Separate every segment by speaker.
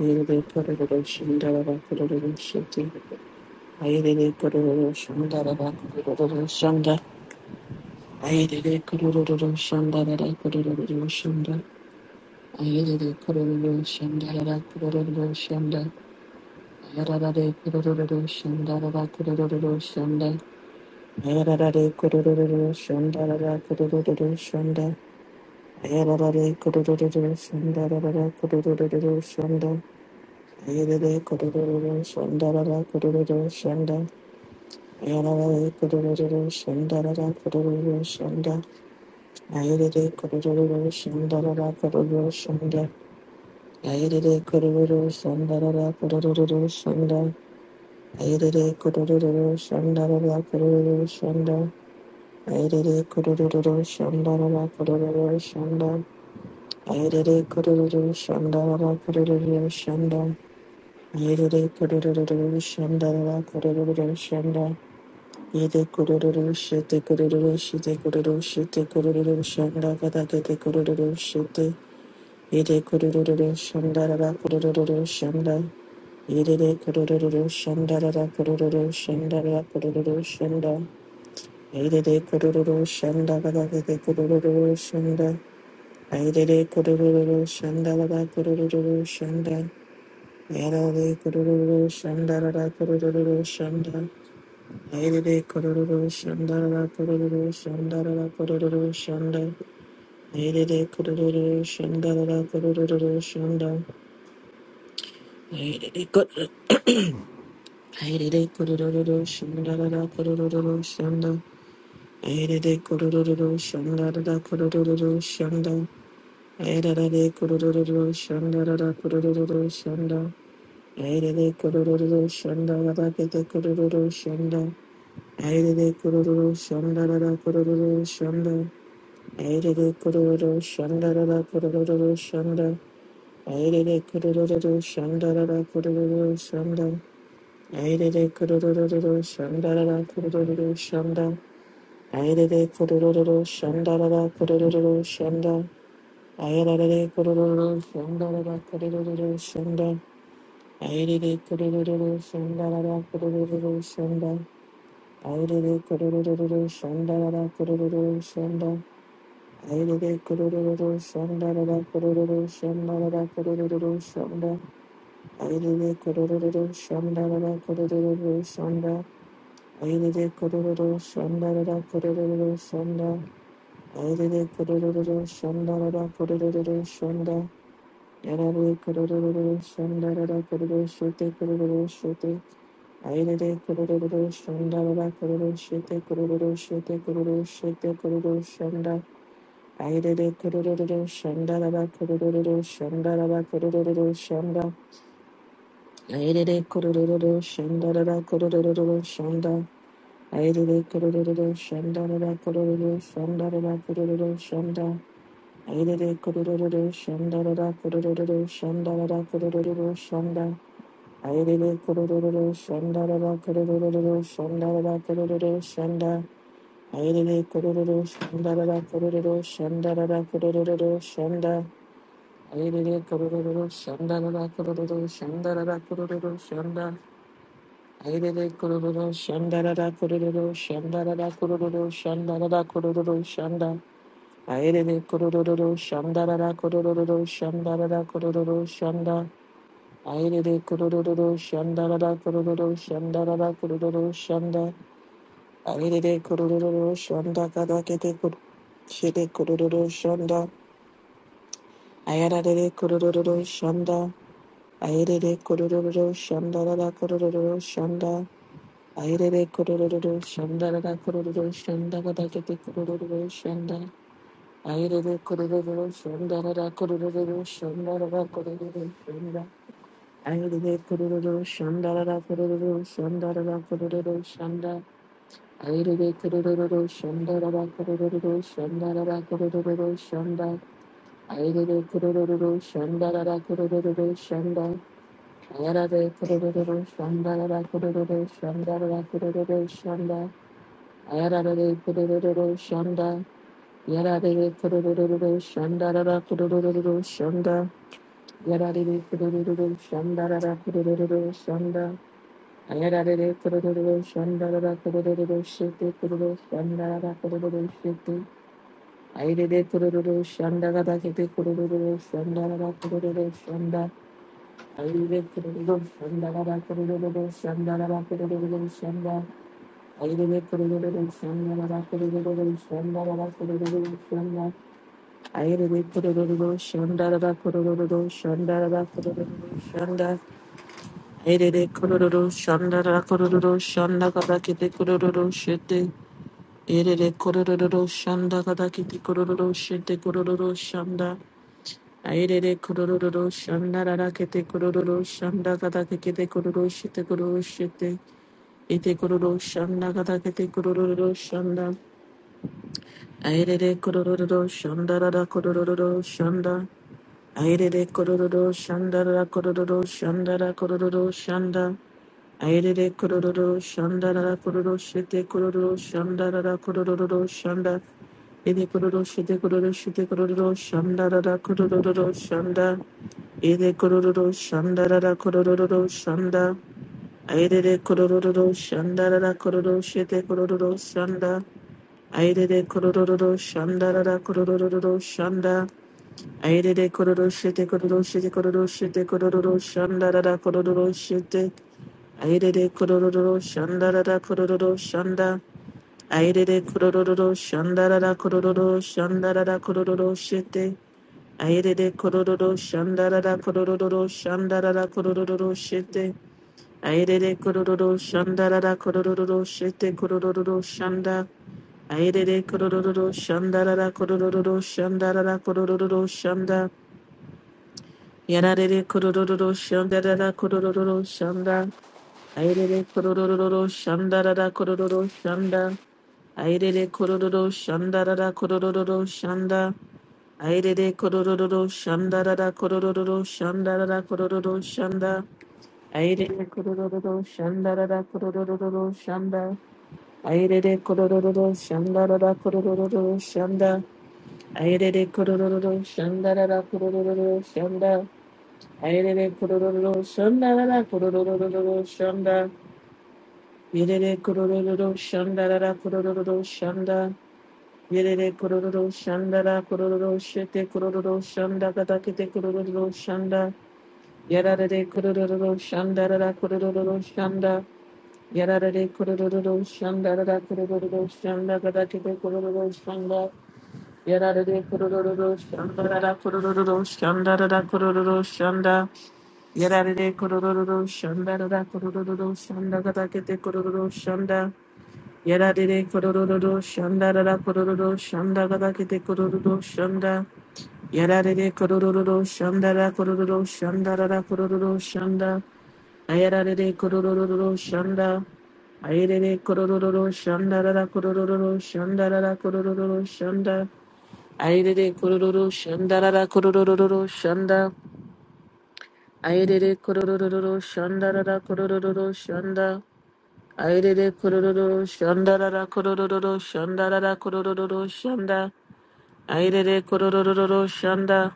Speaker 1: Ayerere kororo shandara ba kororo shete. Ayerere kororo shandara ba kororo shanda. Ayerere kororo shandara ba kororo shanda. Ayerere kororo shandara ba kororo shanda. Ayerere kororo shandara ba kororo shanda. Ayerere kororo shandara ba kororo shanda. Ayerere kororo shandara ba kororo shanda. Yerere kurururu şandarara kurururu şanda. Yararara kurururu şandarara kurururu şanda. Ayerere kurururu şandarara kurururu şanda. Ayerere kurururu şandarara kurururu şanda. Ayerere kurururu şandarara kurururu şanda. Ayerere kurururu şandarara kurururu şanda. Ayerere kurururu şandarara kurururu shanda Yedere kurururu şandara kurururu shanda Yede kurururu şete kurururu şete kurururu şete kurururu shanda kada kete kurururu şete. Yede kurururu şandara kurururu shanda Yedere kurururu şandara kurururu şandara kurururu şanda. Yedere kurururu shanda kada kete kurururu shanda Yedere kurururu şandara kurururu shanda Yarare kororo shandarara kororo shanda. Airere kororo shandarara kororo shandarara kororo shanda. Airere kororo shandarara kororo shanda. Airere kororo Airere kororo shandarara kororo shanda. Airere kororo shandarara kororo shanda. Airere kororo shandarara kororo shanda. Airere kororo shandarara kororo shanda. Aidede kururu shandarara kururu shanda. Aidede kururu shandarara kururu shanda. Aidede kururu shandarara kururu shanda. Aidede kururu shandarara kururu shanda. Aidede kururu shandarara kururu shanda. Aidede kururu shandarara kururu shanda. Aidede kururu shandarara kururu shanda. Aire kurururu shanda rara kurururu shanda. Aire kurururu shanda rara kurururu shanda rara kurururu shanda. Aire kurururu shanda rara kurururu shanda. Aire kurururu shanda rara kurururu shanda. Aire kurururu shanda rara kurururu shanda. Yarare kurururu shanda rara kurururu shute kurururu shute. Ayrede kururu şunda baba kururu şete kururu şete kururu şete kururu şunda Ayrede kururu şunda baba kururu şunda baba kururu şunda Ayrede kururu şunda baba kururu şunda Ayrede kururu şunda baba kururu şunda baba kururu şunda Ayrede kururu şunda baba kururu şunda baba kururu şunda Ayrede kurururu şanda da da kurururu şanda da shanda kurururu şanda. Ayrede kurururu şanda shanda da kurururu şanda da da shanda şanda. Ayrede kurururu şanda da da kurururu şanda da da kurururu şanda. Ayrede kurururu şanda da da kurururu şanda da da kurururu şanda da da kurururu şanda. Ayrede kurururu şanda da da kurururu şanda da da kurururu şanda. Ayerere kororo shanda rara kororo shanda rara kororo shanda ayerere kororo shanda kada kete kor shede kororo shanda ayarare kororo shanda ayerere kororo shanda rara kororo shanda ayerere kororo shanda rara kororo shanda kada kete kororo shanda ayerere kororo shanda rara kororo shanda rara kororo shanda Aire kururu shanda ra ra kururu shanda ra ra kururu shanda. Aire kururu shanda ra ra kururu shanda ra ra kururu shanda. Aire kururu shanda ra ra kururu shanda. Ayara de kururu shanda ra ra kururu shanda ra ra kururu shanda. Ayara de kururu shanda. Yara de kururu shanda ra ra kururu shanda. Yara de kururu shanda ra ra kururu shanda. Ayararere kurururu şandarara kurururu şete kururu şandarara kurururu şete. Ayrere kurururu şandarara kete kurururu şandarara kurururu şanda. Ayrere kurururu şandarara kurururu şandarara kurururu şanda. Ayrere kurururu şandarara kurururu şandarara kurururu şanda. Ayrere kurururu şandarara kurururu şandarara kurururu shanda. Erere kororo shandara kororo shandaka dakete kororo shete. Erere kororo shandaka dakete kororo shete kororo shanda. Erere kororo shandara dakete kororo shandaka dakete kororo shete kororo shete. Ete kororo shandaka dakete kororo shanda. Erere kororo shandara da kororo shanda. Erere kororo shandara kororo shandara kororo shanda. Aerere kororo shanda rara kororo shete kororo shanda rara kororo shanda ede kororo shete kororo shete kororo shanda rara kororo shanda ede kororo shanda rara kororo shanda aerere kororo shanda rara kororo shete kororo shanda aerere kororo shanda rara kororo shanda aerere kororo shete kororo shete kororo shete kororo shanda rara kororo shete Aidede kororo shandarada kororo shanda. Aidede kororo shandarada kororo shandarada kororo shete. Aidede kororo shandarada kororo shandarada kororo shete. Aidede kororo shandarada kororo shete kororo shanda. Aidede kororo shandarada kororo shandarada kororo shanda. Yanadede kororo shandarada kororo shanda. Airele kororo shanda rara kororo shanda. Airele kororo shanda rara kororo shanda. Airele kororo shanda rara kororo shanda rara kororo shanda. Airere kororo shanda rara kororo shanda. Airere kororo shanda rara kororo shanda. Airere kororo shanda rara kororo shanda. Airere kororo shanda rara kororo shanda. Yerere kororo shandarara kororo shanda. Yerere kororo shandara kororo shete kororo shanda katakete kororo shanda. Yarare kororo shandarara kororo shanda. Yarare kororo shandarara kororo shanda katakete kororo shanda. Yarare kororo shandarara kororo shandarara kororo shanda. Yarare kororo shandarara kororo shanda katakete kororo shanda. Yada dede kororo shanda dada kororo shanda gada kete kororo shanda. Yada dede kororo shanda dada kororo shanda dada kororo shanda. Ayada dede kororo shanda. Ayede kororo shanda dada kororo shanda dada kororo shanda. Ayede kororo shanda dada kororo shanda. Ayede kororo shanda dada kororo shanda. Aire de kororo shanda rara kororo shanda rara kororo shanda. Airere kororororo shanda.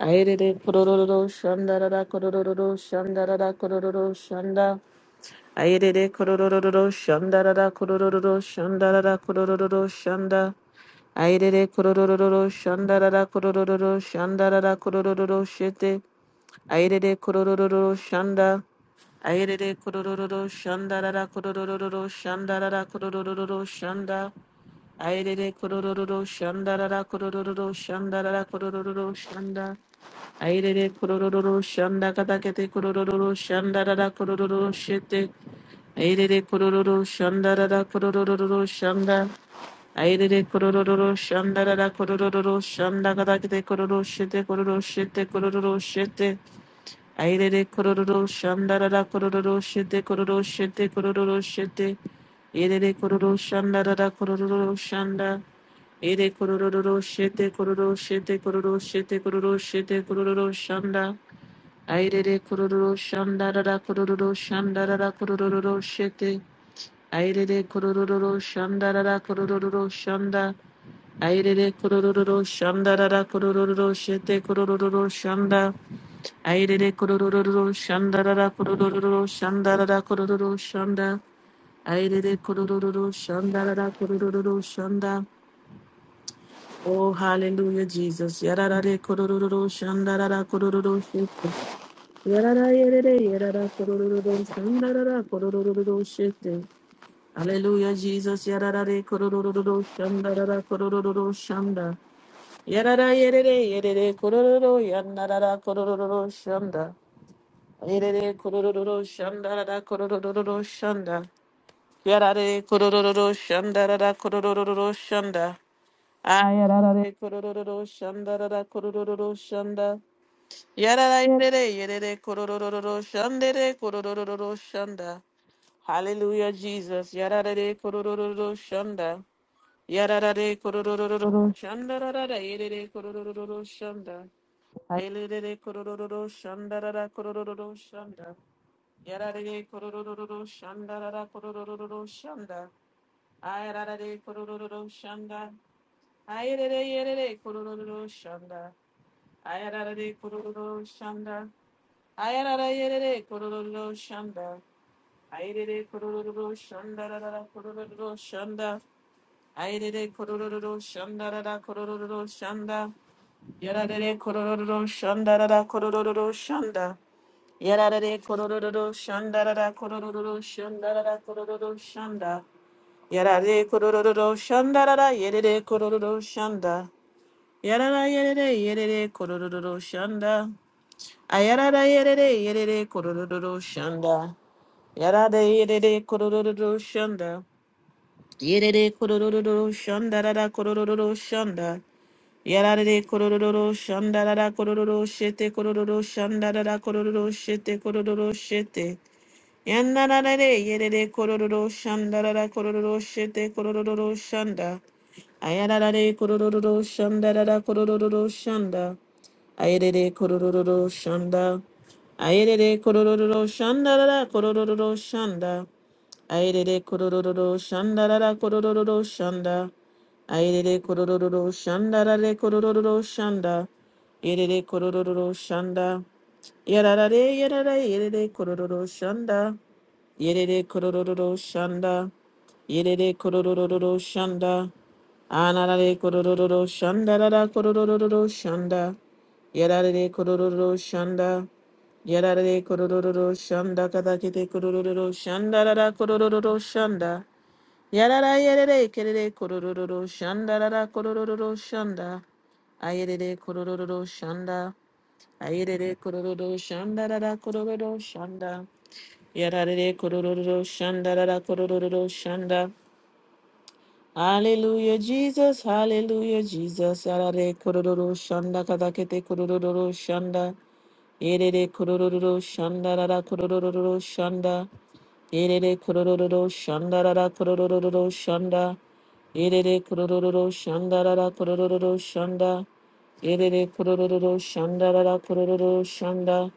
Speaker 1: Airere kororororo shanda rara kororororo shanda rara kororororo shanda. Airere kororororo shanda rara kororororo shanda rara kororororo shanda. Airere kororororo shanda rara kororororo shanda rara kororororo shete. Airere kororororo shanda. Airere kororororo shanda rara kororororo shanda rara kororororo shanda. Airere kororo shandarara kororo shandarara kororo shanda. Airere kororo shanda katakete kororo shandarara kororo shete. Airere kororo shandarara kororo shanda. Airere kororo shandarara kororo shanda katakete kororo shete kororo shete kororo shete. Airere kororo shandarara kororo shete kororo shete kororo shete. Airere kororo shandarara kororo shanda. Ere kororo shete kororo shete kororo shete kororo shete kororo shanda. Aire de kororo shanda rara da kororo shanda rara da kororo shete. Aire de kororo shanda rara da kororo shanda. Aire de kororo shanda rara da kororo shete kororo shanda. Aire de kororo shanda rara da kororo shanda rara da kororo shanda. Aire de kororo shanda rara da kororo shanda. Oh, hallelujah, Jesus. Yararare korororo shandarara korororo shete. Yarara yerere yarara korororo shandarara korororo shete. Hallelujah, Jesus. Yararare korororo shandarara korororo shanda. Yarara yerere yerere korororo yandarara korororo shanda. Erere kororo shanda da da kororo shanda. Yarare kororo shanda da da kororo shanda. Ayarare kororo shanda da da kororo shanda. Yarara yerere yerere kororo shandere kororo shanda. Hallelujah, Jesus. Yarare kororo shanda. Yarada de Yararare kororororo shandarara yerere kororo shanda. Ayerere kororororo shandarara kororo shanda. Yararare kororororo shandarara kororo shanda. Ayararare kororo shanda. Aile de yerere kororo shanda. Ayararare kororo shanda. Ayarara yerere kororo shanda. Aile de Ayerere kororororo shandarara kororo shanda. Airere kororororo shandarara kororororo shanda. Yararere kororororo shandarara kororororo shanda. Yararere kororororo shandarara kororororo shandarara kororororo shanda. da da kororo shanda. Yarare kororororo shandarara yerere kororororo shanda. Yarara yerere yerere kororororo shanda. Ayarara yerere yerere kororororo shanda. Yarade yerere kororororo shanda. Yerere kororororo shanda rara kororororo shanda. Yarare kororororo shanda rara korororo shete korororo shanda rara korororo shete korororo shete. Yanarare yerere kororororo shanda rara korororo shete korororo shanda. Ayarare kororororo shanda rara korororo shanda. Ayerere kororororo shanda. Ayerere kororororo shanda rara kororororo shanda. Airere kororo shanda rara kororo shanda. Airere kororo shanda rare kororo shanda. Irere kororo shanda. Yarare yarare irere kororo shanda. Yerere kororo shanda. Yerere kororo shanda. Anarare kororo shanda rara kororo shanda. Yarare kororo shanda. Yarare kororo shanda katakete kororo shanda rara kororo shanda. Yarara yerere kerere kororo shanda rara kororo shanda. Ayerere kororo shanda. Ayerere kororo shanda rara kororo shanda. Yarare kororo shanda rara kororo shanda. Hallelujah, Jesus. Hallelujah, Jesus. Arare kororo shanda kadakete kororo shanda. Erere kororo shanda rara kororo shanda. Erere kororo shanda rara kororo shanda. Erere kororo shanda rara kororo shanda. Erere kororo shanda rara kororo shanda.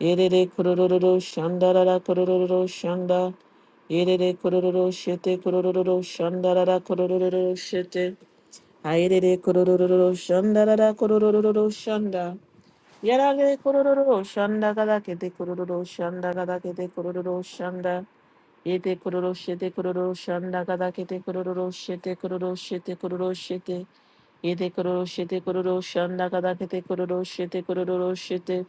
Speaker 1: Erere kororo shanda rara kororo shanda. Irere kororo shete kororo shandarara kororo shete. Airere kororo shandarara kororo shanda. Yarare kororo shanda gada kete kororo shanda gada kete kororo shanda. Yete kororo shete kororo shanda gada kete kororo shete kororo shete kororo shete. Yete kororo shete kororo shanda gada kete kororo shete kororo shete.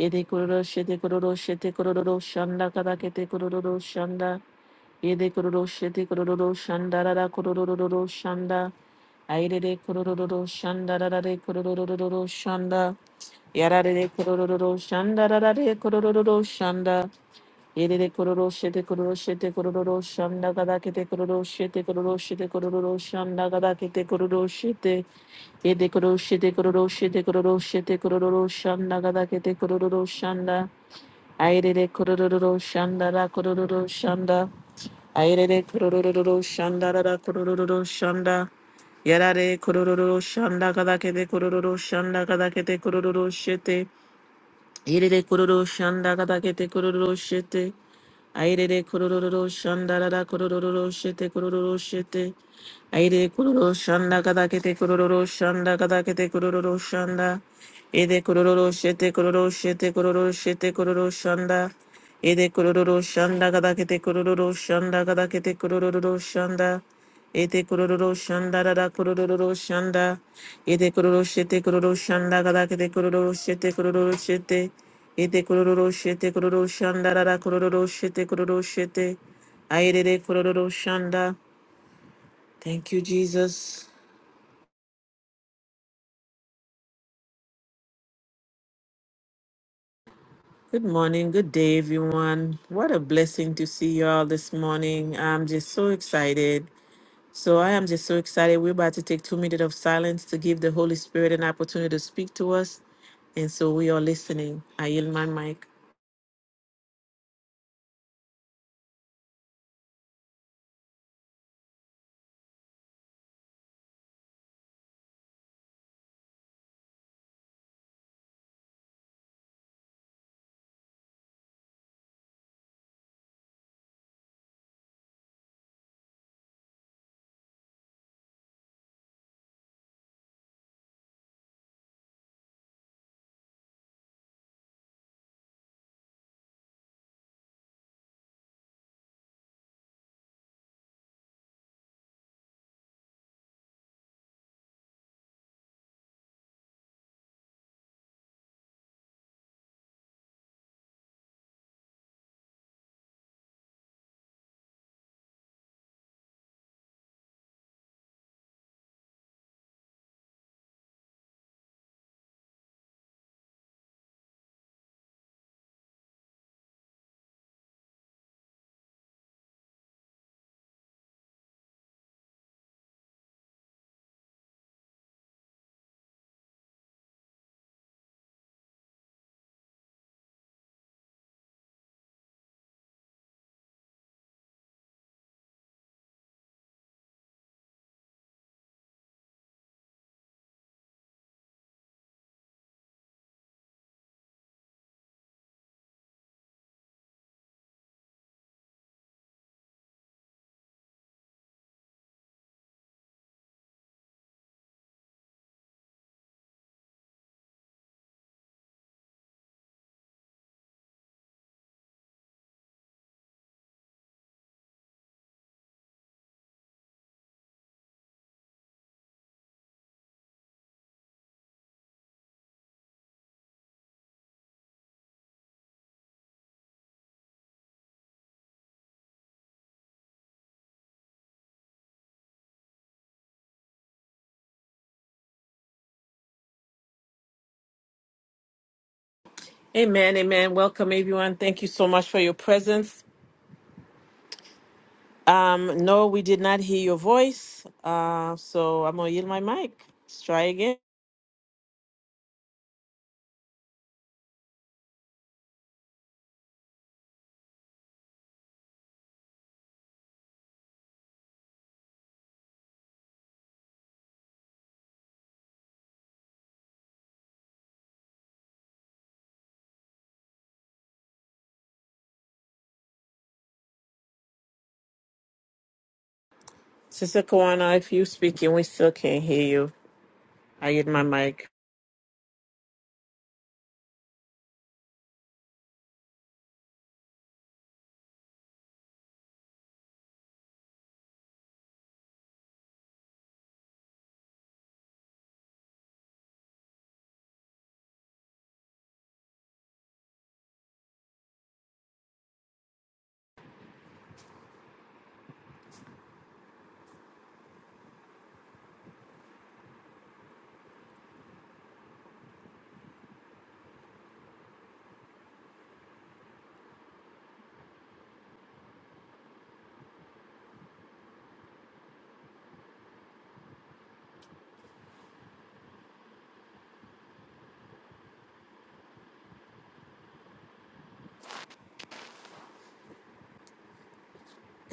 Speaker 1: Yete kororo shete kororo shete kororo shanda gada kete kororo shanda. Yede kororo shete kororo shanda rara kororo shanda. Airere kororo shanda rara re kororo shanda. Yarare kororo shanda rara re kororo shanda. Yede kororo shete kororo shete kororo shanda gada kete kororo shete kororo shete kororo shanda gada kete kororo shete. Yede kororo shete kororo shete kororo shete kororo shanda gada kete kororo shanda. Airere kororo shanda rara kororo shanda. Airere kurururu shanda da kurururu shanda. Yarare kurururu shanda kadakete kurururu shanda kadakete kurururu shete. Irere kororo shanda gada gete kororo shete. Airere kororo shanda rara kororo shete kororo shete. Aire kororo shanda gada kete kororo shanda gada kete kororo shanda. Ede kororo shete kororo shete kororo shete kororo shanda. Ede kororo shanda gada kete kororo shanda gada kete kororo shanda. Ete kororo shanda da da kororo shanda. Ete kororo shete kororo shanda gada kete kororo shete kororo shete. Ete kororo shete kororo shanda da da kororo shete kororo shete. Aerere kororo shanda. Thank you, Jesus. Good morning. Good day, everyone. What a blessing to see you all this morning. I'm just so excited. So I am just so excited. We're about to take two minutes of silence to give the Holy Spirit an opportunity to speak to us. And so we are listening. I yield my mic. Amen. Amen. Welcome, everyone. Thank you so much for your presence. Um, no, we did not hear your voice. Uh, so I'm going to yield my mic. Let's try again. Sister Kawana, if you speaking, we still can't hear you. I yield my mic.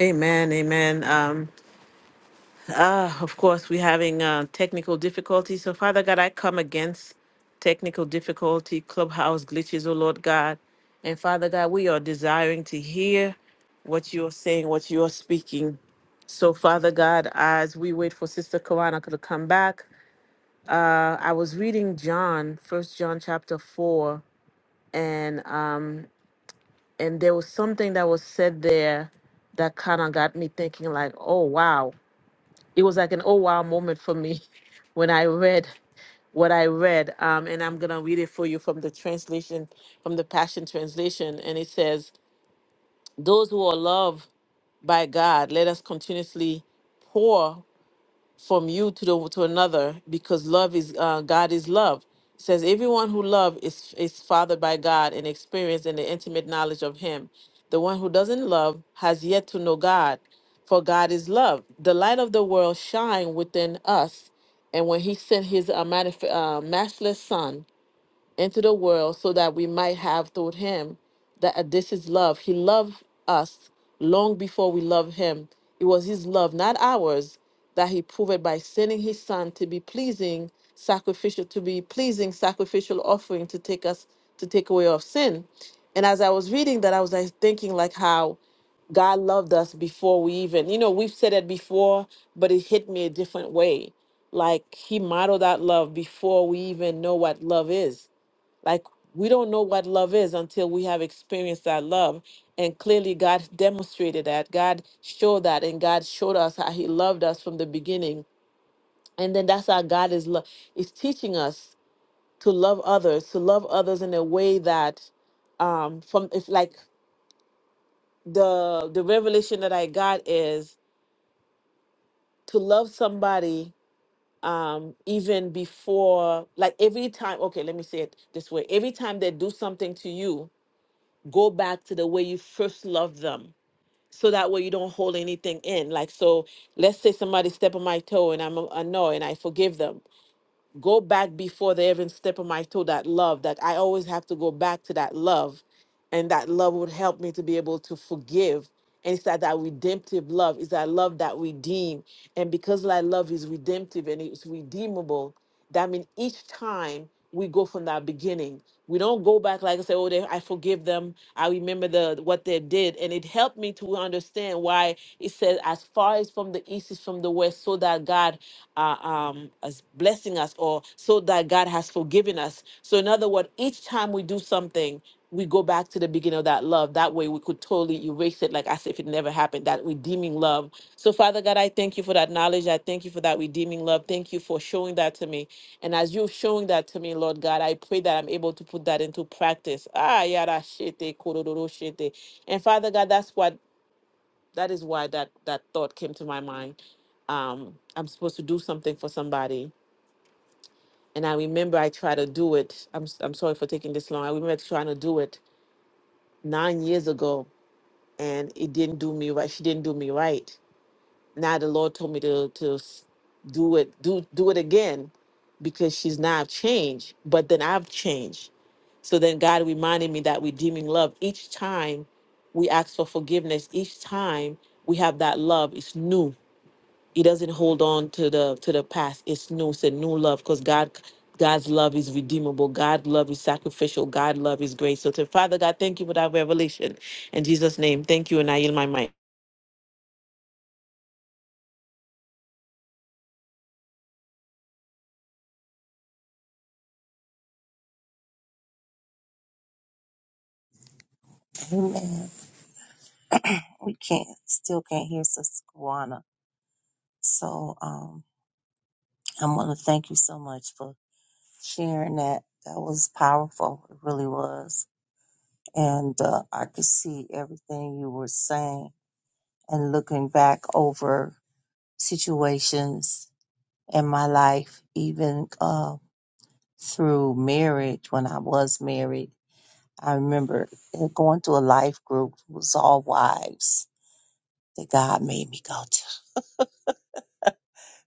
Speaker 1: Amen. Amen. Um, Ah, of course, we're having uh, technical difficulties. So, Father God, I come against technical difficulty, clubhouse glitches, oh Lord God. And Father God, we are desiring to hear what you are saying, what you are speaking. So, Father God, as we wait for Sister Karanaka to come back, uh, I was reading John, First John chapter four, and um, and there was something that was said there that kind of got me thinking, like, oh wow, it was like an oh wow moment for me when I read what I read. Um, and I'm gonna read it for you from the translation, from the Passion Translation, and it says, "Those who are loved by God, let us continuously." pour from you to the, to another because love is uh, God is love. It says everyone who love is is fathered by God and experienced in the intimate knowledge of Him. The one who doesn't love has yet to know God, for God is love. The light of the world shine within us, and when He sent His uh, manif- uh, matchless Son into the world so that we might have through him that uh, this is love. He loved us long before we loved him. It was his love, not ours, that he proved by sending his son to be pleasing sacrificial to be pleasing sacrificial offering to take us to take away of sin. And as I was reading that I was like thinking like how God loved us before we even, you know, we've said it before, but it hit me a different way. Like he modeled that love before we even know what love is. Like we don't know what love is until we have experienced that love. And clearly God demonstrated that. God showed that and God showed us how he loved us from the beginning. And then that's how God is lo- is teaching us to love others, to love others in a way that um from if like the the revelation that I got is to love somebody um even before like every time okay let me say it this way every time they do something to you go back to the way you first loved them so that way you don't hold anything in like so let's say somebody step on my toe and i'm annoyed and i forgive them go back before they even step on my toe that love that i always have to go back to that love and that love would help me to be able to forgive and it's that, that redemptive love is that love that redeem and because that love is redemptive and it's redeemable that means each time we go from that beginning, we don't go back like I say, oh, they, I forgive them. I remember the what they did, and it helped me to understand why it says, as far as from the east is from the west, so that God uh, um, is blessing us, or so that God has forgiven us. So in other words, each time we do something, we go back to the beginning of that love. That way, we could totally erase it, like as if it never happened. That redeeming love. So Father God, I thank you for that knowledge. I thank you for that redeeming love. Thank you for showing that to me. And as you're showing that to me, Lord God, I pray that I'm able to put that into practice. Ah, yada shete, kororo shete. And Father God, that's what that is why that that thought came to my mind. Um, I'm supposed to do something for somebody, and I remember I tried to do it. I'm s- I'm sorry for taking this long. I remember trying to do it nine years ago, and it didn't do me right. She didn't do me right. Now the Lord told me to to s- do it do do it again because she's now changed. But then I've changed So then God reminded me that redeeming love, each time we ask for forgiveness, each time we have that love, it's new. It doesn't hold on to the to the past. It's new. It's a new love because God God's love is redeemable. God's love is sacrificial. God's love is grace. So to Father God, thank you for that revelation. In Jesus' name, thank you. And I yield my mic.
Speaker 2: Amen. We can't, still can't hear Sister So um, I want to thank you so much for sharing that. That was powerful. It really was. And uh, I could see everything you were saying and looking back over situations in my life, even uh, through marriage when I was married. I remember going to a life group, it was all wives that God made me go to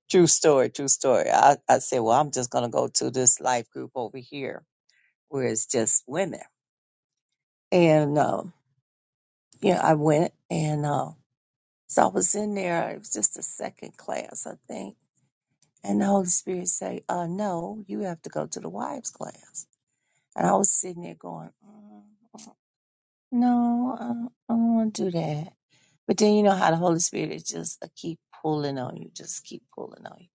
Speaker 2: True story, true story. I, I said, well, I'm just going to go to this life group over here where it's just women. And, um, yeah, I went and, uh, so I was in there. It was just a second class, I think. And the Holy Spirit say, uh, no, you have to go to the wives class. And I was sitting there going, mm, no, I don't, I don't want to do that. But then you know how the Holy Spirit is just uh, keep pulling on you, just keep pulling on you.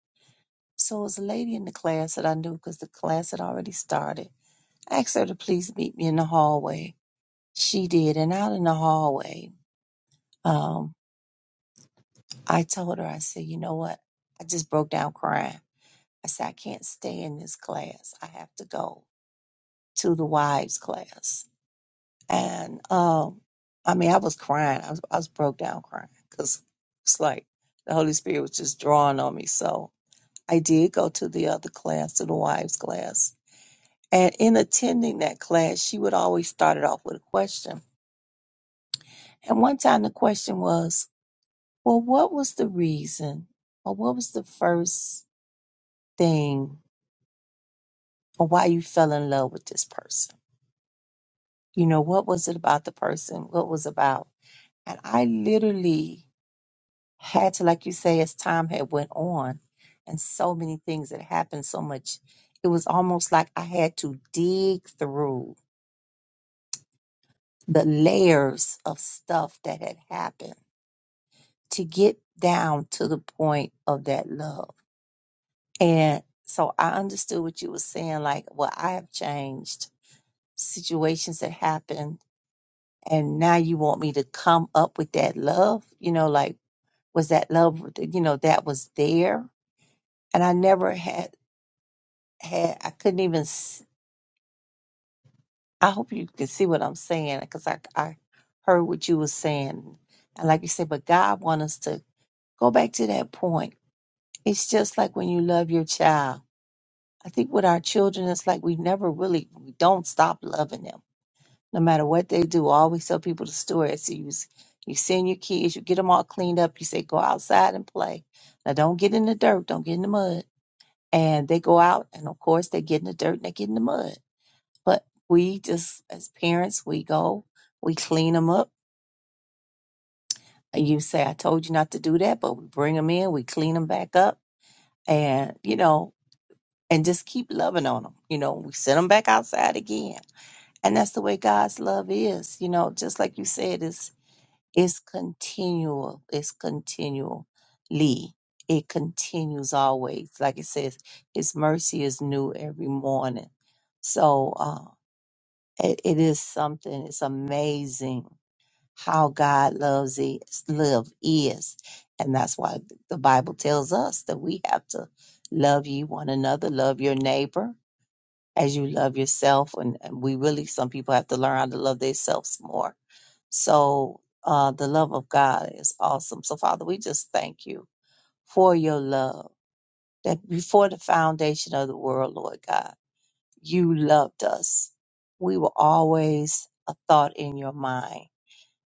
Speaker 2: So it was a lady in the class that I knew because the class had already started asked her to please meet me in the hallway. She did. And out in the hallway, um, I told her, I said, you know what? I just broke down crying. I said, I can't stay in this class. I have to go to the wives class. And um, I mean, I was crying. I was, I was broke down crying because it's like the Holy Spirit was just drawing on me. So I did go to the other class, to the wives class. And in attending that class, she would always start it off with a question And one time the question was, well, what was the reason or what was the first thing or why you fell in love with this person? You know, what was it about the person? What was about? And I literally had to, like you say, as time had went on and so many things had happened so much, it was almost like I had to dig through the layers of stuff that had happened to get down to the point of that love And so I understood what you were saying, like, well, I have changed situations that happened. And now you want me to come up with that love, you know, like, was that love, you know, that was there? And I never had, had, I couldn't even, s- I hope you can see what I'm saying because I, I heard what you were saying. And like you said, but God wants us to go back to that point. It's just like when you love your child. I think with our children, it's like we never really, we don't stop loving them no matter what they do. I always tell people the story. I say, you, you send your kids, you get them all cleaned up. You say, go outside and play. Now, don't get in the dirt, don't get in the mud. And they go out, and of course, they get in the dirt and they get in the mud. But we just, as parents, we go, we clean them up. And you say, I told you not to do that, but we bring them in, we clean them back up, and, you know, and just keep loving on them. You know, we send them back outside again. And that's the way God's love is. You know, just like you said, it's It's continual. It's continually. It continues always. Like it says, His mercy is new every morning. So uh, it, it is something. It's amazing how God loves is love is, and that's why the Bible tells us that we have to love ye one another, love your neighbor, as you love yourself. And and we really, some people have to learn how to love themselves more. So uh, the love of God is awesome. So, Father, we just thank you for your love that before the foundation of the world, Lord God, you loved us. We were always a thought in your mind,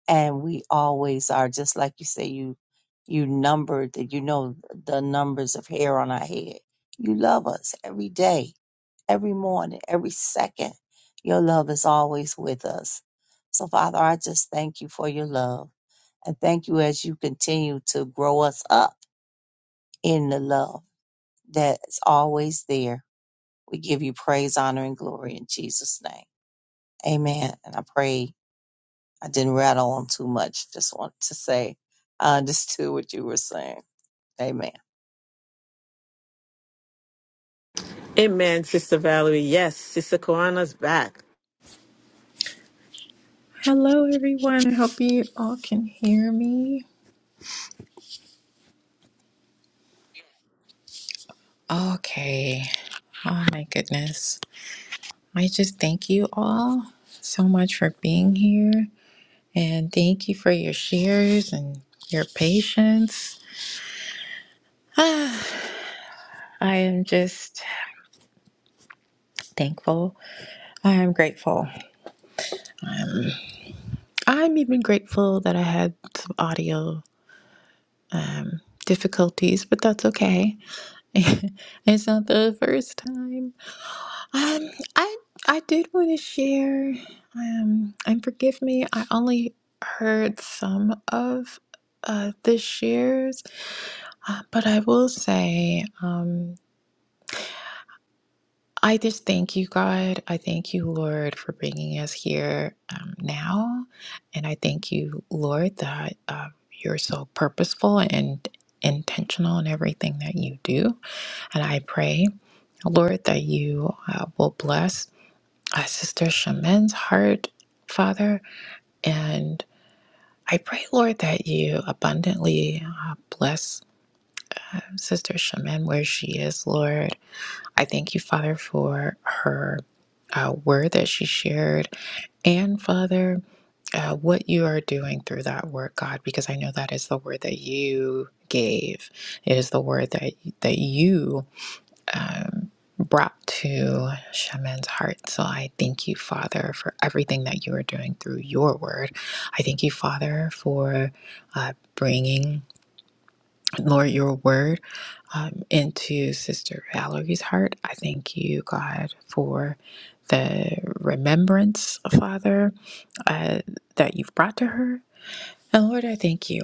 Speaker 2: and we always are, just like you say, you. You numbered that you know the numbers of hair on our head. You love us every day every morning, every second. Your love is always with us. So, Father, I just thank you for your love and thank you as you continue to grow us up in the love that's always there. We give you praise, honor, and glory in Jesus' name. Amen. And I pray I didn't rattle on too much. Just want to say I understood what you were saying. Amen.
Speaker 1: Amen, Sister Valerie. Yes, Sister Koana's back.
Speaker 3: Hello, everyone. I hope you all can hear me. Okay. Oh, my goodness. I just thank you all so much for being here and thank you for your shares and your patience. I am just thankful. I am grateful. I'm even grateful that I had some audio um, difficulties, but that's okay. it's not the first time. Um, I I did want to share, um, and forgive me, I only heard some of uh, the shares, uh, but I will say, um, I just thank you, God. I thank you, Lord, for bringing us here um, now, and I thank you, Lord, that uh, you're so purposeful and intentional in everything that you do, and I pray, Lord, that you uh, will bless. uh, Sister Shaman's heart, Father. And I pray, Lord, that you abundantly uh, bless Sister Shaman where she is, Lord. I thank you, Father, for her uh, word that she shared. And, Father, uh, what you are doing through that word, God, because I know that is the word that you gave. It is the word that that you um, brought to Shaman's heart. So I thank you, Father, for everything that you are doing through your word. I thank you, Father, for uh, bringing, Lord, your word um, into Sister Valerie's heart. I thank you, God, for the remembrance, Father, uh, that you've brought to her. And Lord, I thank you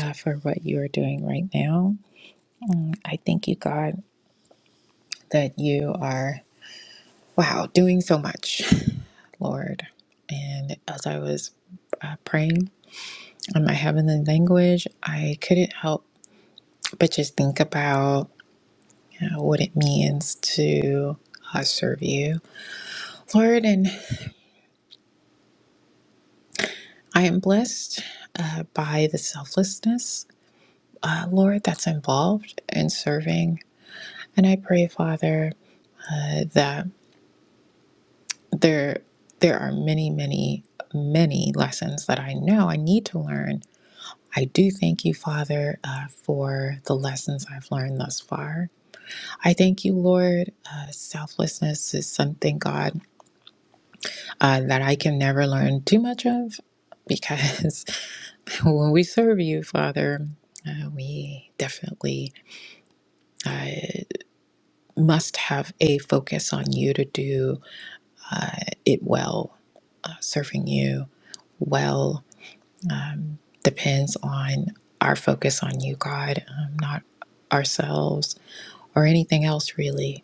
Speaker 3: uh, for what you are doing right now. I thank you, God, that you are, wow, doing so much. Lord. And as I was uh, praying in my heavenly language, I couldn't help but just think about you know, what it means to uh, serve you, Lord. And I am blessed uh, by the selflessness, uh, Lord, that's involved in serving. And I pray, Father, uh, that there there are many, many, many lessons that I know I need to learn I do thank you, Father, uh, for the lessons I've learned thus far. I thank you, Lord. Uh, selflessness is something, God, uh, that I can never learn too much of because when we serve you, Father, uh, we definitely must have a focus on you to do it well. Uh, serving you well um, depends on our focus on you, God, um, not ourselves or anything else, really.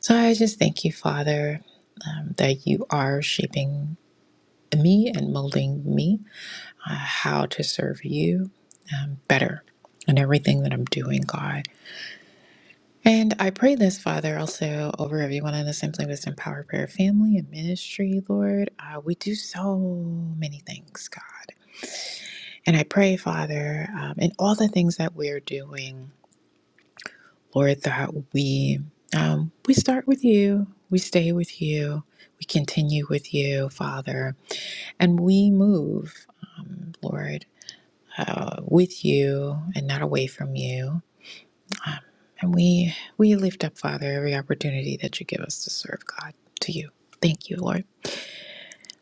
Speaker 3: So I just thank you, Father, um, that you are shaping me and molding me uh, how to serve you um, better in everything that I'm doing, God. And I pray this, Father, also over everyone in the Simply Wisdom Power Prayer family and ministry, Lord. Uh, we do so many things, God. And I pray, Father, um, in all the things that we're doing. Lord, that we um, we start with you, we stay with you, we continue with you, Father, and we move, um, Lord, uh, with you and not away from you. And we we lift up, Father, every opportunity that you give us to serve God to you. Thank you, Lord.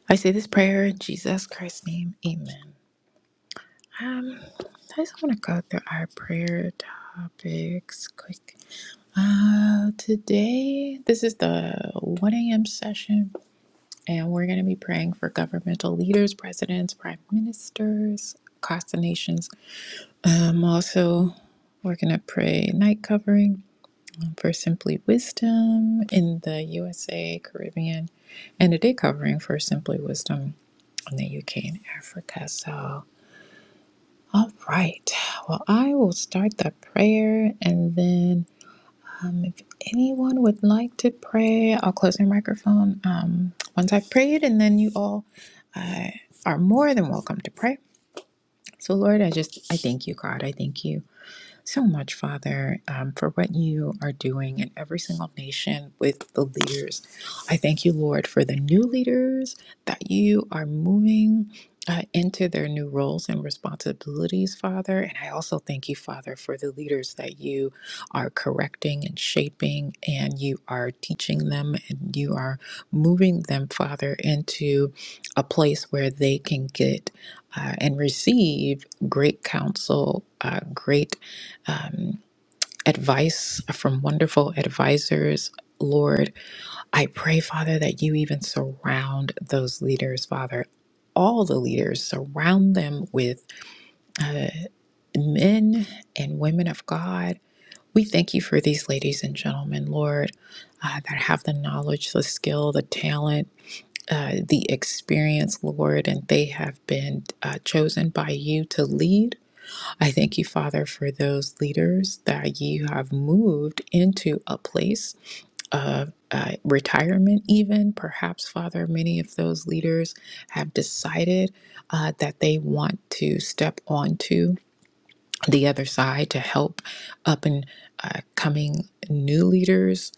Speaker 3: I say this prayer in Jesus Christ's name. Amen. Um, I just want to go through our prayer topics quick. Uh, today, this is the 1 a.m. session, and we're going to be praying for governmental leaders, presidents, prime ministers across the nations. Um, also, we're going to pray night covering for Simply Wisdom in the USA, Caribbean, and a day covering for Simply Wisdom in the UK and Africa. So, all right. Well, I will start the prayer and then Um, if anyone would like to pray, I'll close my microphone um, once I've prayed, and then you all uh, are more than welcome to pray. So, Lord, I just I thank you, God. I thank you so much, Father, um, for what you are doing in every single nation with the leaders. I thank you, Lord, for the new leaders that you are moving. Uh, into their new roles and responsibilities, Father. And I also thank you, Father, for the leaders that you are correcting and shaping, and you are teaching them, and you are moving them, Father, into a place where they can get uh, and receive great counsel, uh, great um, advice from wonderful advisors. Lord, I pray, Father, that you even surround those leaders, Father. All the leaders, surround them with uh, men and women of God. We thank you for these ladies and gentlemen, Lord, uh, that have the knowledge, the skill, the talent, uh, the experience, Lord, and they have been uh, chosen by you to lead. I thank you, Father, for those leaders that you have moved into a place of uh, retirement, even perhaps, Father, many of those leaders have decided uh, that they want to step onto the other side to help up and uh, coming new leaders,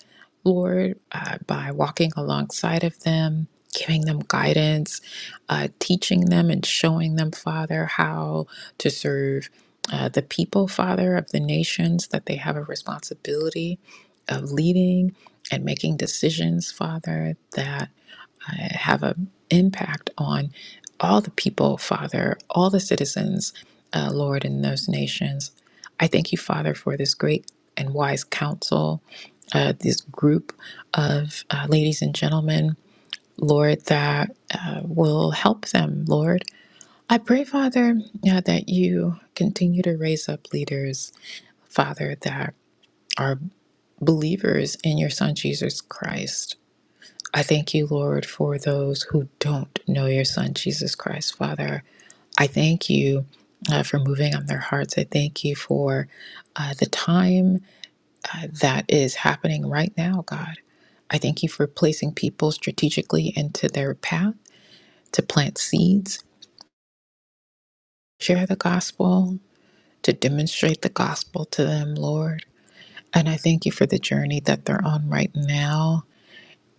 Speaker 3: Lord, uh, by walking alongside of them, giving them guidance, uh, teaching them and showing them, Father, how to serve uh, the people, Father, of the nations that they have a responsibility of leading and making decisions, Father, that uh, have an impact on all the people, Father, all the citizens, uh, Lord, in those nations. I thank you, Father, for this great and wise counsel, uh, this group of uh, ladies and gentlemen, Lord, that uh, will help them, Lord. I pray, Father, uh, that you continue to raise up leaders, Father, that are believers in your Son, Jesus Christ I thank you, Lord, for those who don't know your Son, Jesus Christ, Father. I thank you uh, for moving on their hearts. I thank you for uh, the time uh, that is happening right now, God. I thank you for placing people strategically into their path to plant seeds, share the gospel, to demonstrate the gospel to them, Lord. And I thank you for the journey that they're on right now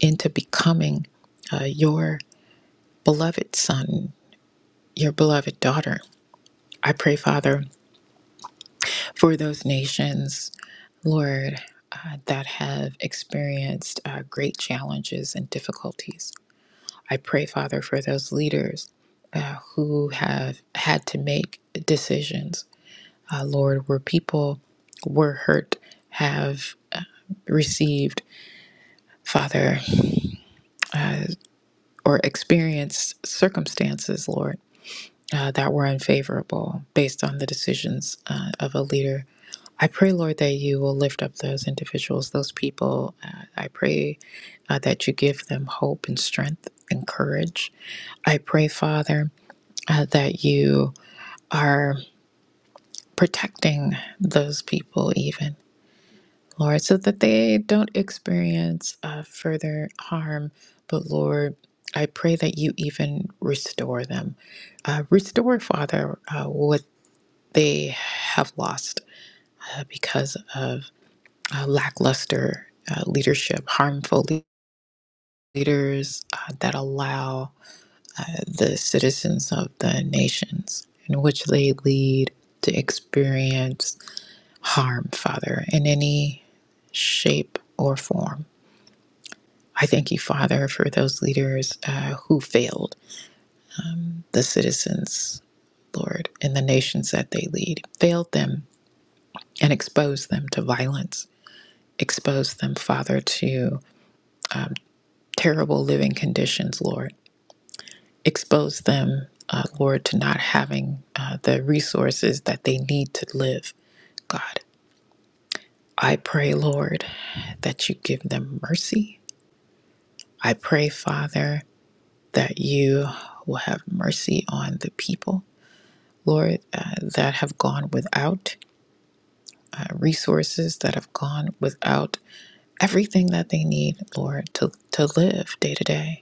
Speaker 3: into becoming uh, your beloved Son, your beloved daughter. I pray, Father, for those nations, Lord, uh, that have experienced uh, great challenges and difficulties. I pray, Father, for those leaders uh, who have had to make decisions, uh, Lord, where people were hurt, have received, Father, uh, or experienced circumstances, Lord. uh, that were unfavorable based on the decisions uh, of a leader. I pray, Lord, that you will lift up those individuals, those people. Uh, I pray uh, that you give them hope and strength and courage. I pray, Father, uh, that you are protecting those people, even, Lord, so that they don't experience uh, further harm. But, Lord, I pray that you even restore them. Uh, restore, Father, uh, what they have lost uh, because of uh, lackluster uh, leadership, harmful le- leaders uh, that allow uh, the citizens of the nations in which they lead to experience harm, Father, in any shape or form. I thank you, Father, for those leaders uh, who failed the citizens, Lord, and the nations that they lead, failed them and exposed them to violence Expose them, Father, to terrible living conditions, Lord. Expose them, uh, Lord, to not having uh, the resources that they need to live, God. I pray, Lord, that you give them mercy. I pray, Father, that you will have mercy on the people, Lord, uh, that have gone without uh, resources, that have gone without everything that they need, Lord, to, to live day to day.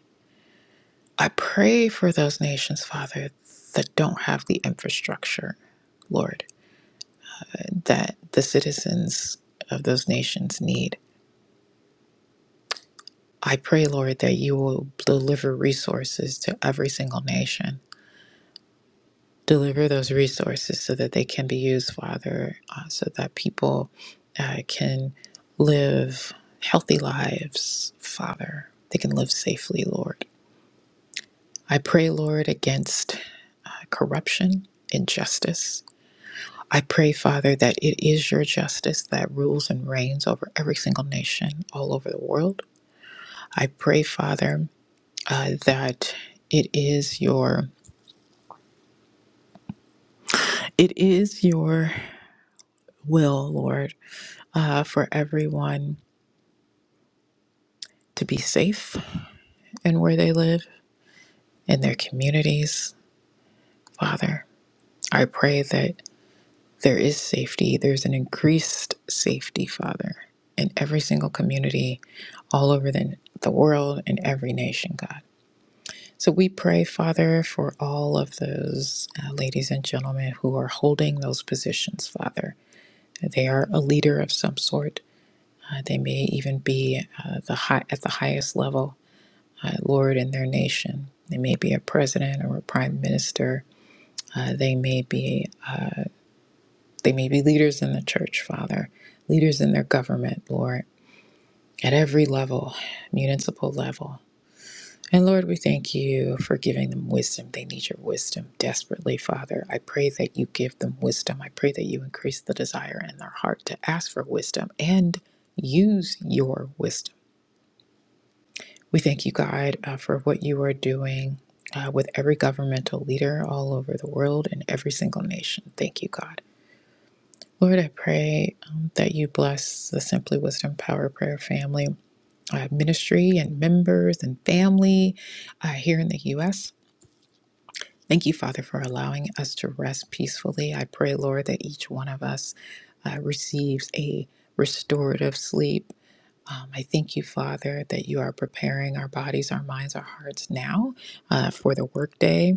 Speaker 3: I pray for those nations, Father, that don't have the infrastructure, Lord, that the citizens of those nations need. I pray, Lord, that you will deliver resources to every single nation. Deliver those resources so that they can be used, Father, uh, so that people uh, can live healthy lives, Father. They can live safely, Lord. I pray, Lord, against uh, corruption, injustice. I pray, Father, that it is your justice that rules and reigns over every single nation all over the world. I pray, Father, uh, that it is your it is your will, Lord, uh, for everyone to be safe in where they live in their communities. Father, I pray that there is safety. There's an increased safety, Father, in every single community all over the, the world and every nation, God. So we pray, Father, for all of those uh, ladies and gentlemen who are holding those positions, Father. They are a leader of some sort. Uh, they may even be uh, the high, at the highest level, uh, Lord, in their nation. They may be a president or a prime minister. Uh, they may be they may be leaders in the church, Father, leaders in their government, Lord, at every level, municipal level. And Lord, we thank you for giving them wisdom. They need your wisdom desperately, Father. I pray that you give them wisdom. I pray that you increase the desire in their heart to ask for wisdom and use your wisdom. We thank you, God, uh, for what you are doing uh, with every governmental leader all over the world and every single nation. Thank you, God. Lord, I pray um, that you bless the Simply Wisdom Power Prayer family, uh, ministry, and members and family uh, here in the U.S. Thank you, Father, for allowing us to rest peacefully. I pray, Lord, that each one of us uh, receives a restorative sleep. Um, I thank you, Father, that you are preparing our bodies, our minds, our hearts now uh, for the workday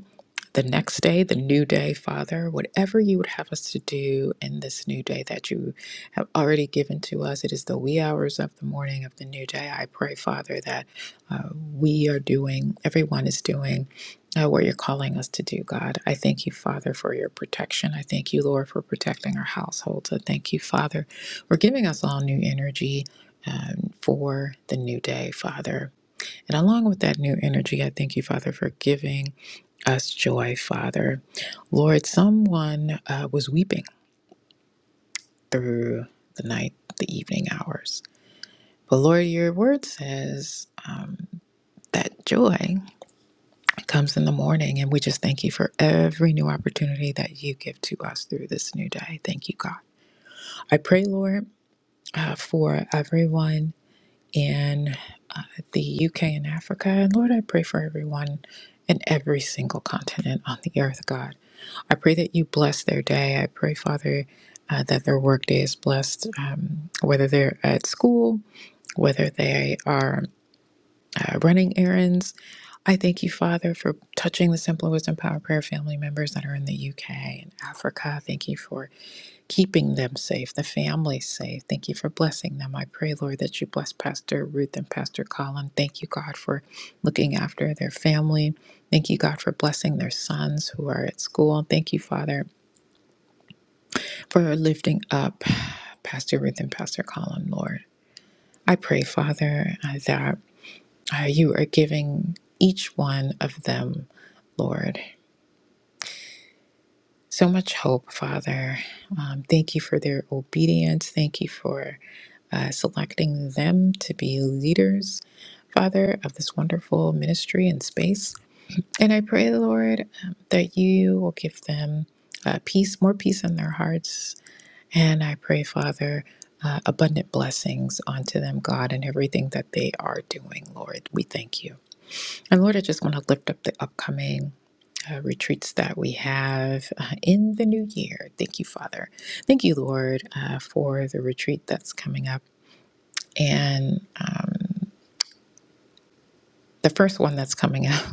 Speaker 3: the next day, the new day, Father, whatever you would have us to do in this new day that you have already given to us, it is the wee hours of the morning of the new day. I pray, Father, that uh, we are doing, everyone is doing. Uh, what you're calling us to do, God. I thank you, Father, for your protection. I thank you, Lord, for protecting our households. I thank you, Father, for giving us all new energy um, for the new day, Father. And along with that new energy, I thank you, Father, for giving us joy, Father. Lord, someone uh, was weeping through the night, the evening hours. But Lord, your word says um, that joy comes in the morning. And we just thank you for every new opportunity that you give to us through this new day. Thank you, God. I pray, Lord, uh, for everyone in uh, the UK and Africa. And Lord, I pray for everyone in every single continent on the earth, God. I pray that you bless their day. I pray, Father, uh, that their workday is blessed, um, whether they're at school, whether they are uh, running errands. I thank you, Father, for touching the Simple Wisdom Power Prayer family members that are in the UK and Africa. Thank you for keeping them safe, the family safe. Thank you for blessing them. I pray, Lord, that you bless Pastor Ruth and Pastor Colin. Thank you, God, for looking after their family. Thank you, God, for blessing their sons who are at school. Thank you, Father for lifting up Pastor Ruth and Pastor Colin, Lord. I pray, Father, uh, that uh, you are giving each one of them, Lord, so much hope, Father. Um, thank you for their obedience. Thank you for uh, selecting them to be leaders, Father, of this wonderful ministry and space. And I pray, Lord, um, that you will give them uh, peace, more peace in their hearts, And I pray, Father, uh, abundant blessings onto them, God, and everything that they are doing, Lord. We thank you. And Lord, I just want to lift up the upcoming. Uh, retreats that we have uh, in the new year. Thank you, Father. Thank you, Lord, uh, for the retreat that's coming up. And um, the first one that's coming up,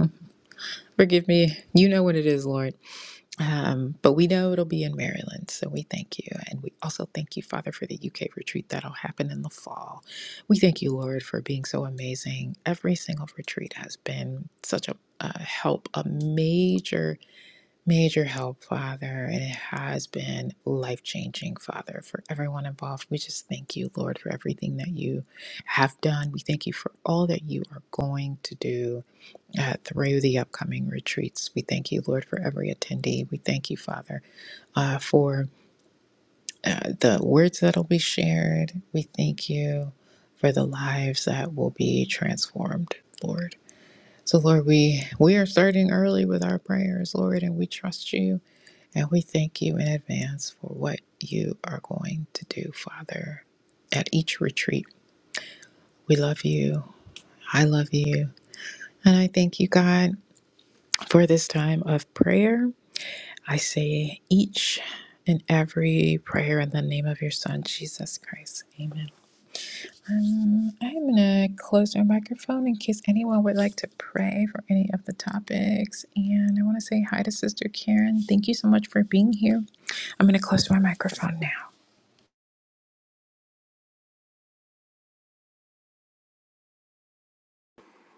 Speaker 3: forgive me, you know what it is, Lord. Um, but we know it'll be in Maryland, so we thank you. And we also thank you, Father, for the UK retreat that'll happen in the fall. We thank you, Lord, for being so amazing. Every single retreat has been such a, a help, a major, major help, Father. And it has been life changing, Father, for everyone involved. We just thank you, Lord, for everything that you have done. We thank you for all that you are going to do uh, through the upcoming retreats. We thank you, Lord, for every attendee. We thank you, Father, uh, for uh, the words that will be shared. We thank you for the lives that will be transformed, Lord. So, Lord, we, we are starting early with our prayers, Lord, and we trust you and we thank you in advance for what you are going to do, Father, at each retreat. We love you. I love you. And I thank you, God, for this time of prayer. I say each and every prayer in the name of your Son, Jesus Christ. Amen. Um, I'm going to close my microphone in case anyone would like to pray for any of the topics. And I want to say hi to Sister Karen. Thank you so much for being here. I'm going to close my microphone now.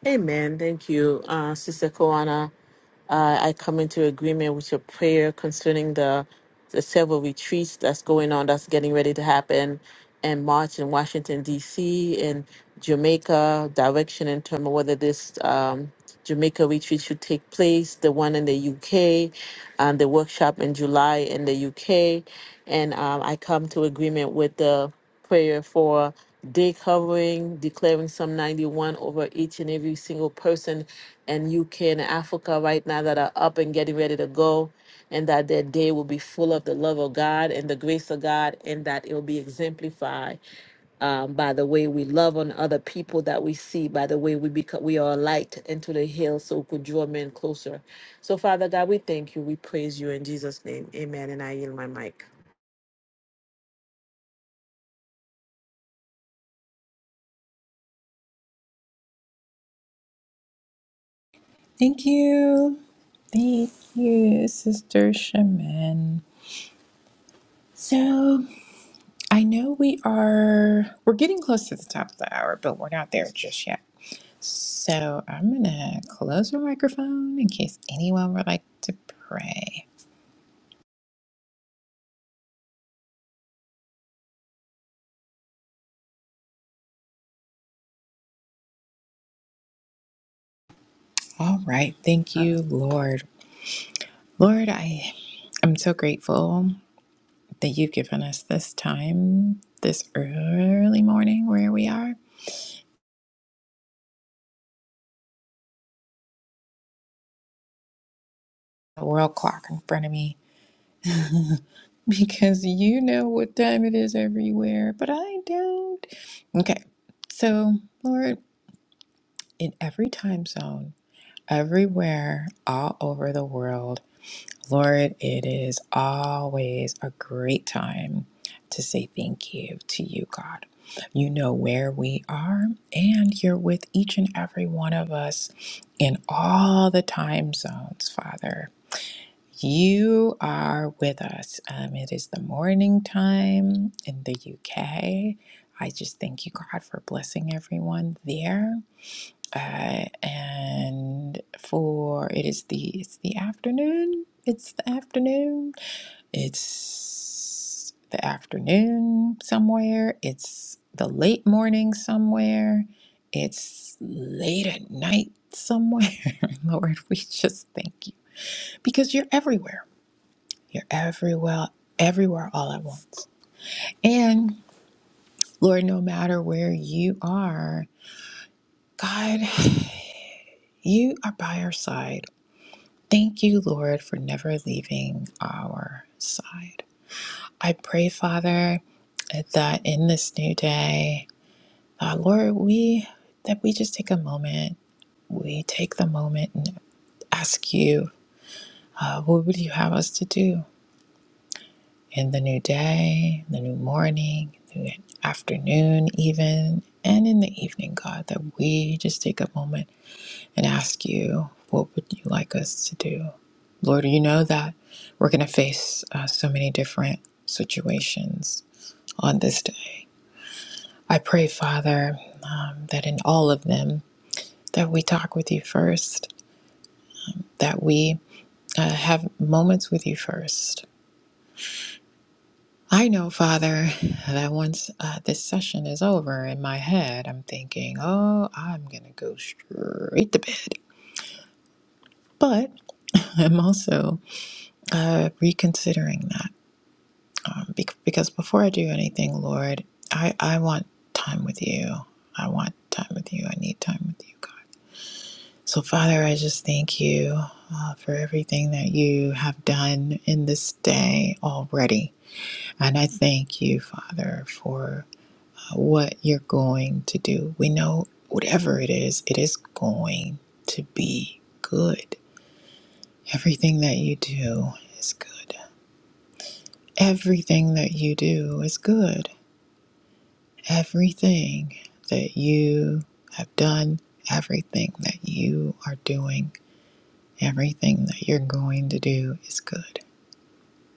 Speaker 1: Amen. Thank you, uh, Sister Koana. Uh, I come into agreement with your prayer concerning the the several retreats that's going on, that's getting ready to happen, and March in Washington D.C. and Jamaica. Direction in terms of whether this um, Jamaica retreat should take place, the one in the U.K., and the workshop in July in the U.K. And um, I come to agreement with the prayer for day covering, declaring Psalm 91 over each and every single person in UK and Africa right now that are up and getting ready to go, and that their day will be full of the love of God and the grace of God, and that it will be exemplified um, by the way we love on other people that we see, by the way we become, we are a light into the hill, so we could draw men closer. So, Father God, we thank you, we praise you in Jesus' name, Amen. And I yield my mic.
Speaker 3: Thank you. Thank you, Sister Shaman. So I know we are we're getting close to the top of the hour, but we're not there just yet. So I'm gonna close my microphone in case anyone would like to pray. All right, thank
Speaker 2: Uh,
Speaker 3: you, Lord. Lord, I am so grateful that you've given us this time, this early morning where we are. A world clock in front of me because you know what time it is everywhere, but I don't. Okay, so Lord. in every time zone, everywhere, all over the world. Lord, it is always a great time to say thank you to you, God. You know where we are, and you're with each and every one of us in all the time zones, Father. You are with us. Um, it is the morning time in the UK. I just thank you, God, for blessing everyone there uh, and for it is the it's the afternoon. It's the afternoon. It's the afternoon somewhere. It's the late morning somewhere. It's late at night somewhere. Lord, we just thank you because you're everywhere. You're everywhere, everywhere all at once. And Lord, no matter where you are, God, you are by our side. Thank you, Lord, for never leaving our side. I pray, Father, that in this new day, uh, Lord, we that we just take a moment. We take the moment and ask you, uh, what would you have us to do in the new day, the new morning, the afternoon, even, and in the evening, God, that we just take a moment and ask you, what would you like us to do? Lord, you know that we're going to face uh, so many different situations on this day. I pray, Father, um, that in all of them, that we talk with you first, that we uh, have moments with you first. I know, Father, that once uh, this session is over in my head, I'm thinking, oh, I'm going to go straight to bed. But I'm also uh, reconsidering that. um, bec- because before I do anything, Lord, I, I want time with you. I want time with you. I need time with you, God. So, Father, I just thank you uh, for everything that you have done in this day already. And I thank you, Father, for uh, what you're going to do. We know whatever it is, it is going to be good. Everything that you do is good. Everything that you do is good Everything that you have done, everything that you are doing, everything that you're going to do is good.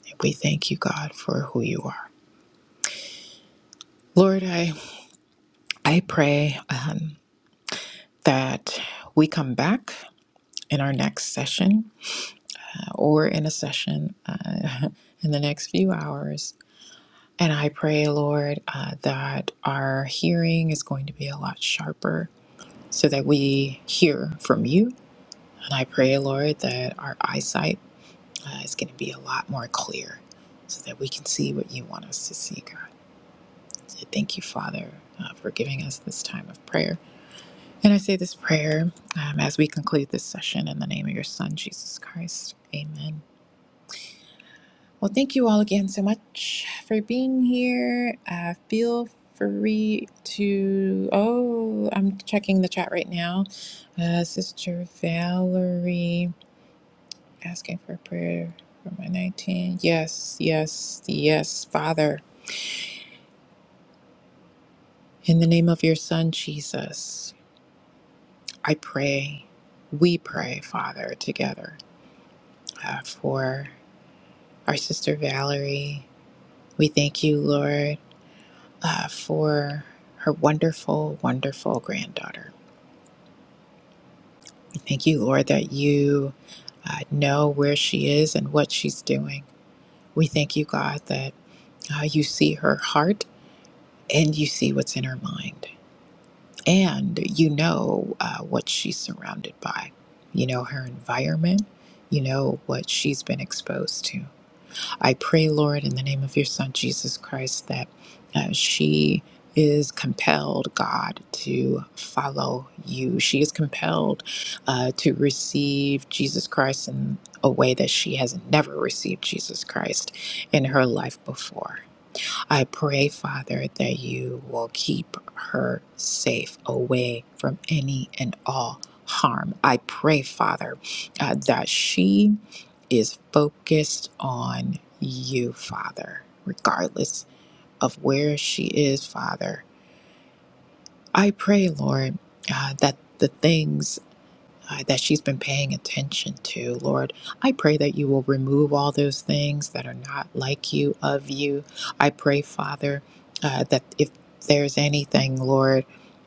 Speaker 3: And we thank you, God, for who you are. Lord, I, I pray um, that we come back in our next session uh, or in a session uh, in the next few hours. And I pray, Lord, uh, that our hearing is going to be a lot sharper so that we hear from you And I pray, Lord, that our eyesight uh, is going to be a lot more clear so that we can see what you want us to see, God. So thank you, Father, uh, for giving us this time of prayer. And I say this prayer um, as we conclude this session in the name of your Son, Jesus Christ. Amen. Well, thank you all again so much for being here. Uh, feel free to. Oh, I'm checking the chat right now. Uh, Sister Valerie. asking for prayer for my 19. Yes, yes, yes, Father. In the name of your Son, Jesus, I pray, we pray, Father, together uh, for our sister Valerie. We thank you, Lord, uh, for her wonderful, wonderful granddaughter. We thank you, Lord, that you uh, know where she is and what she's doing. We thank you, God, that uh, you see her heart and you see what's in her mind. and you know uh, what she's surrounded by, you know, her environment, you know, what she's been exposed to. I pray, Lord, in the name of your Son, Jesus Christ, that uh, she is compelled, God, to follow you. She is compelled uh, to receive Jesus Christ in a way that she has never received Jesus Christ in her life before I pray, Father, that you will keep her safe away from any and all harm. I pray, Father, uh, that she is focused on you, Father, regardless of where she is, Father. I pray, Lord, uh, that the things uh, that she's been paying attention to. Lord, I pray that you will remove all those things that are not like you, of you. I pray, Father, uh, that if there's anything, Lord,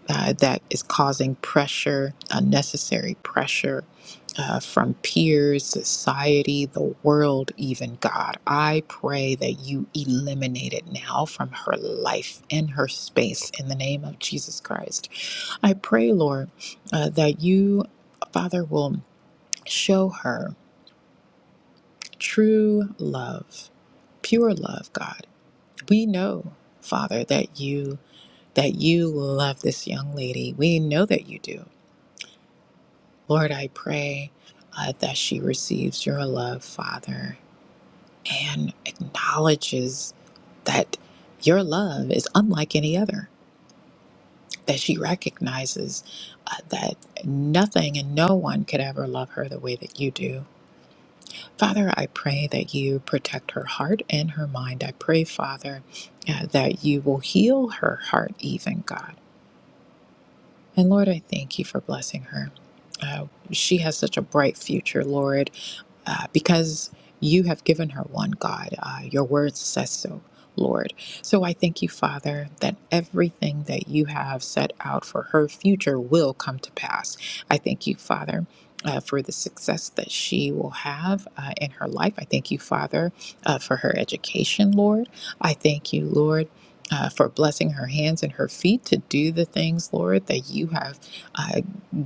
Speaker 3: uh, that is causing pressure, unnecessary pressure uh, from peers, society, the world, even God, I pray that you eliminate it now from her life and her space in the name of Jesus Christ. I pray, Lord, uh, that you, Father, will show her true love, pure love, God. We know, Father, that you that you love this young lady. We know that you do. Lord, I pray uh, that she receives your love, Father, and acknowledges that your love is unlike any other. That she recognizes uh, that nothing and no one could ever love her the way that you do. Father, I pray that you protect her heart and her mind. I pray, Father, uh, that you will heal her heart, even God. And Lord, I thank you for blessing her. Uh, she has such a bright future, Lord uh, because you have given her one, God. Uh, your word says so, Lord. So I thank you, Father, that everything that you have set out for her future will come to pass. I thank you, Father. Uh, for the success that she will have uh, in her life. I thank you, Father, uh, for her education, Lord. I thank you, Lord, uh, for blessing her hands and her feet to do the things, Lord, that you have uh,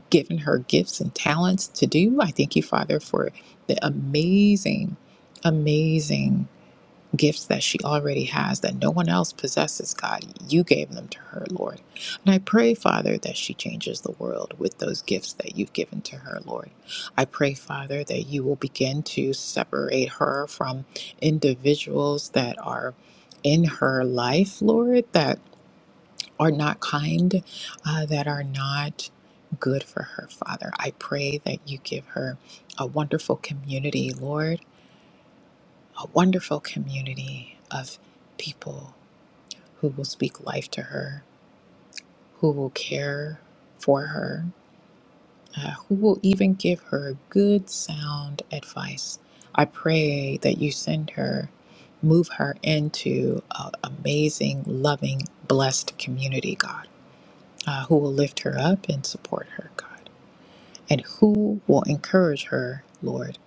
Speaker 3: given her gifts and talents to do. I thank you, Father, for the amazing, amazing gifts that she already has that no one else possesses, God. You gave them to her, Lord. And I pray, Father, that she changes the world with those gifts that you've given to her, Lord. I pray, Father, that you will begin to separate her from individuals that are in her life, Lord, that are not kind, uh, that are not good for her, Father. I pray that you give her a wonderful community, Lord, a wonderful community of people who will speak life to her, who will care for her, uh, who will even give her good, sound advice. I pray that you send her. Move her into an amazing, loving, blessed community, God uh, who will lift her up and support her, God, and who will encourage her, Lord,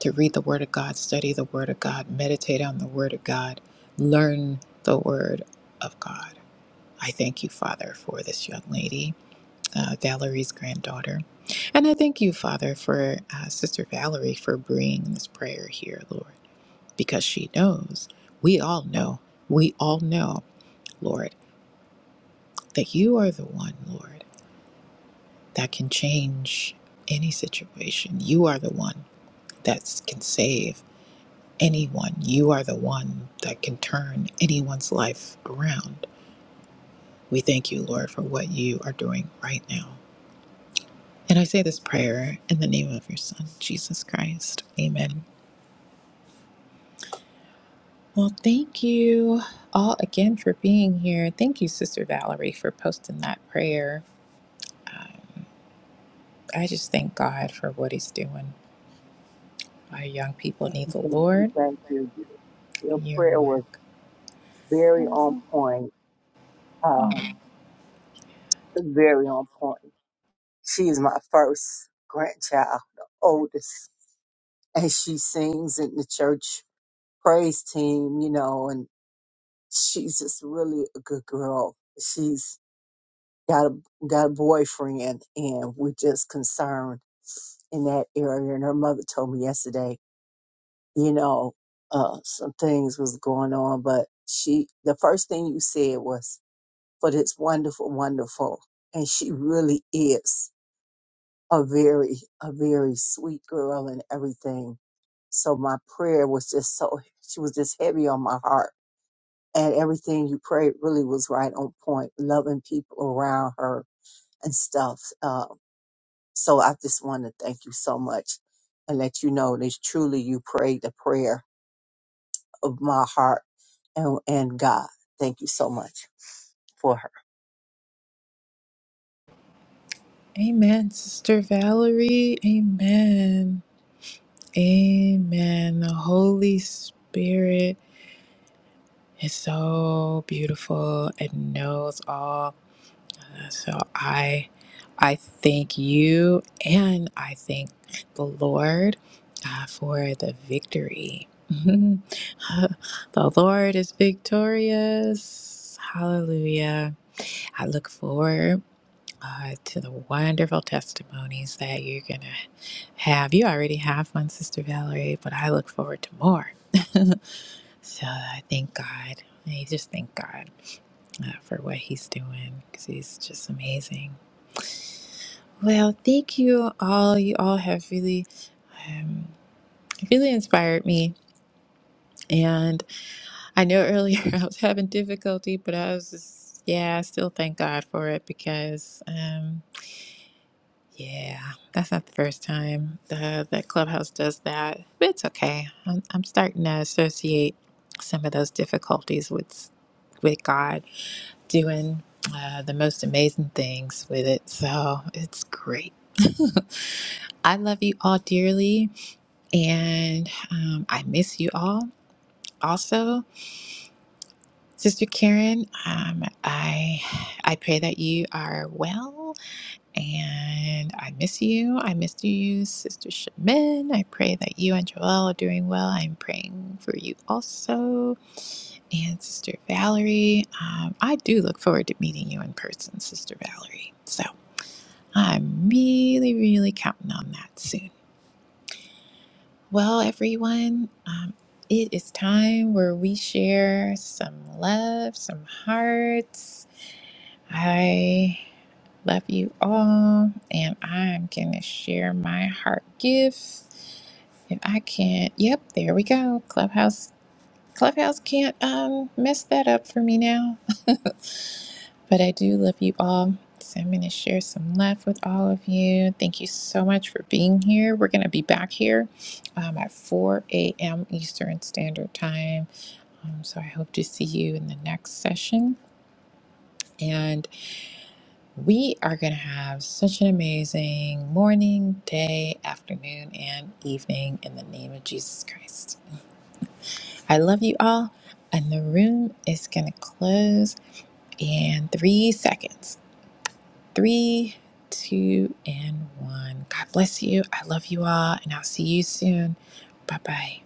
Speaker 3: to read the Word of God, study the Word of God, meditate on the Word of God, learn the Word of God. I thank you, Father, for this young lady, uh, Valerie's granddaughter. And I thank you, Father, for uh, Sister Valerie for bringing this prayer here, Lord, because she knows, we all know, we all know, Lord, that you are the one, Lord. that can change any situation. You are the one that can save anyone. You are the one that can turn anyone's life around. We thank you, Lord, for what you are doing right now. And I say this prayer in the name of your Son, Jesus Christ. Amen. Well, thank you all again for being here. Thank you, Sister Valerie, for posting that prayer. I just thank God for what He's doing. Our young people need the
Speaker 2: Thank you.
Speaker 3: Lord.
Speaker 2: Thank you. Your
Speaker 3: You're
Speaker 2: prayer was
Speaker 3: more.
Speaker 2: very on point. Um, very on point. She's my first grandchild, the oldest. And she sings in the church praise team, you know, and she's just really a good girl. She's got a got a boyfriend and we're just concerned in that area. And her mother told me yesterday, you know, uh, some things was going on, but she the first thing you said was, but it's wonderful, wonderful. And she really is. a very, a very sweet girl and everything. So my prayer was just so, she was just heavy on my heart. And everything you prayed really was right on point, loving people around her and stuff. Uh, so I just want to thank you so much and let you know that truly you prayed the prayer of my heart and, and God. Thank you so much. for
Speaker 3: Amen, Sister Valerie. Amen. Amen. The Holy Spirit is so beautiful and knows all. So I I thank you and I thank the Lord uh, for the victory. the Lord is victorious. Hallelujah. I look forward uh, to the wonderful testimonies that you're going to have. You already have one, Sister Valerie, but I look forward to more. so I thank God. I just thank God uh, for what He's doing because He's just amazing. Well, thank you all. You all have really, um, really inspired me. And I know earlier I was having difficulty, but I was just, yeah, I still thank God for it because. um, Yeah, that's not the first time the, that Clubhouse does that. But it's okay. I'm, I'm starting to associate some of those difficulties with with God doing uh, the most amazing things with it. So it's great. I love you all dearly, and um, I miss you all. Also, Sister Karen, um, I I pray that you are well. And I miss you. I miss you, Sister Shemin. I pray that you and Joelle are doing well. I'm praying for you also. And Sister Valerie, um, I do look forward to meeting you in person, Sister Valerie. So I'm really, really counting on that soon. Well, everyone, um, it is time where we share some love, some hearts. I Love you all. And I'm going to share my heart gift. If I can't, yep, there we go. Clubhouse. Clubhouse can't um, mess that up for me now. But I do love you all. So I'm going to share some love with all of you. Thank you so much for being here. We're going to be back here um, at 4 a.m. Eastern Standard Time. Um, so I hope to see you in the next session. And We are going to have such an amazing morning, day, afternoon, and evening in the name of Jesus Christ. I love you all, and the room is going to close in three seconds. Three, two, and one. God bless you. I love you all, and I'll see you soon. Bye bye.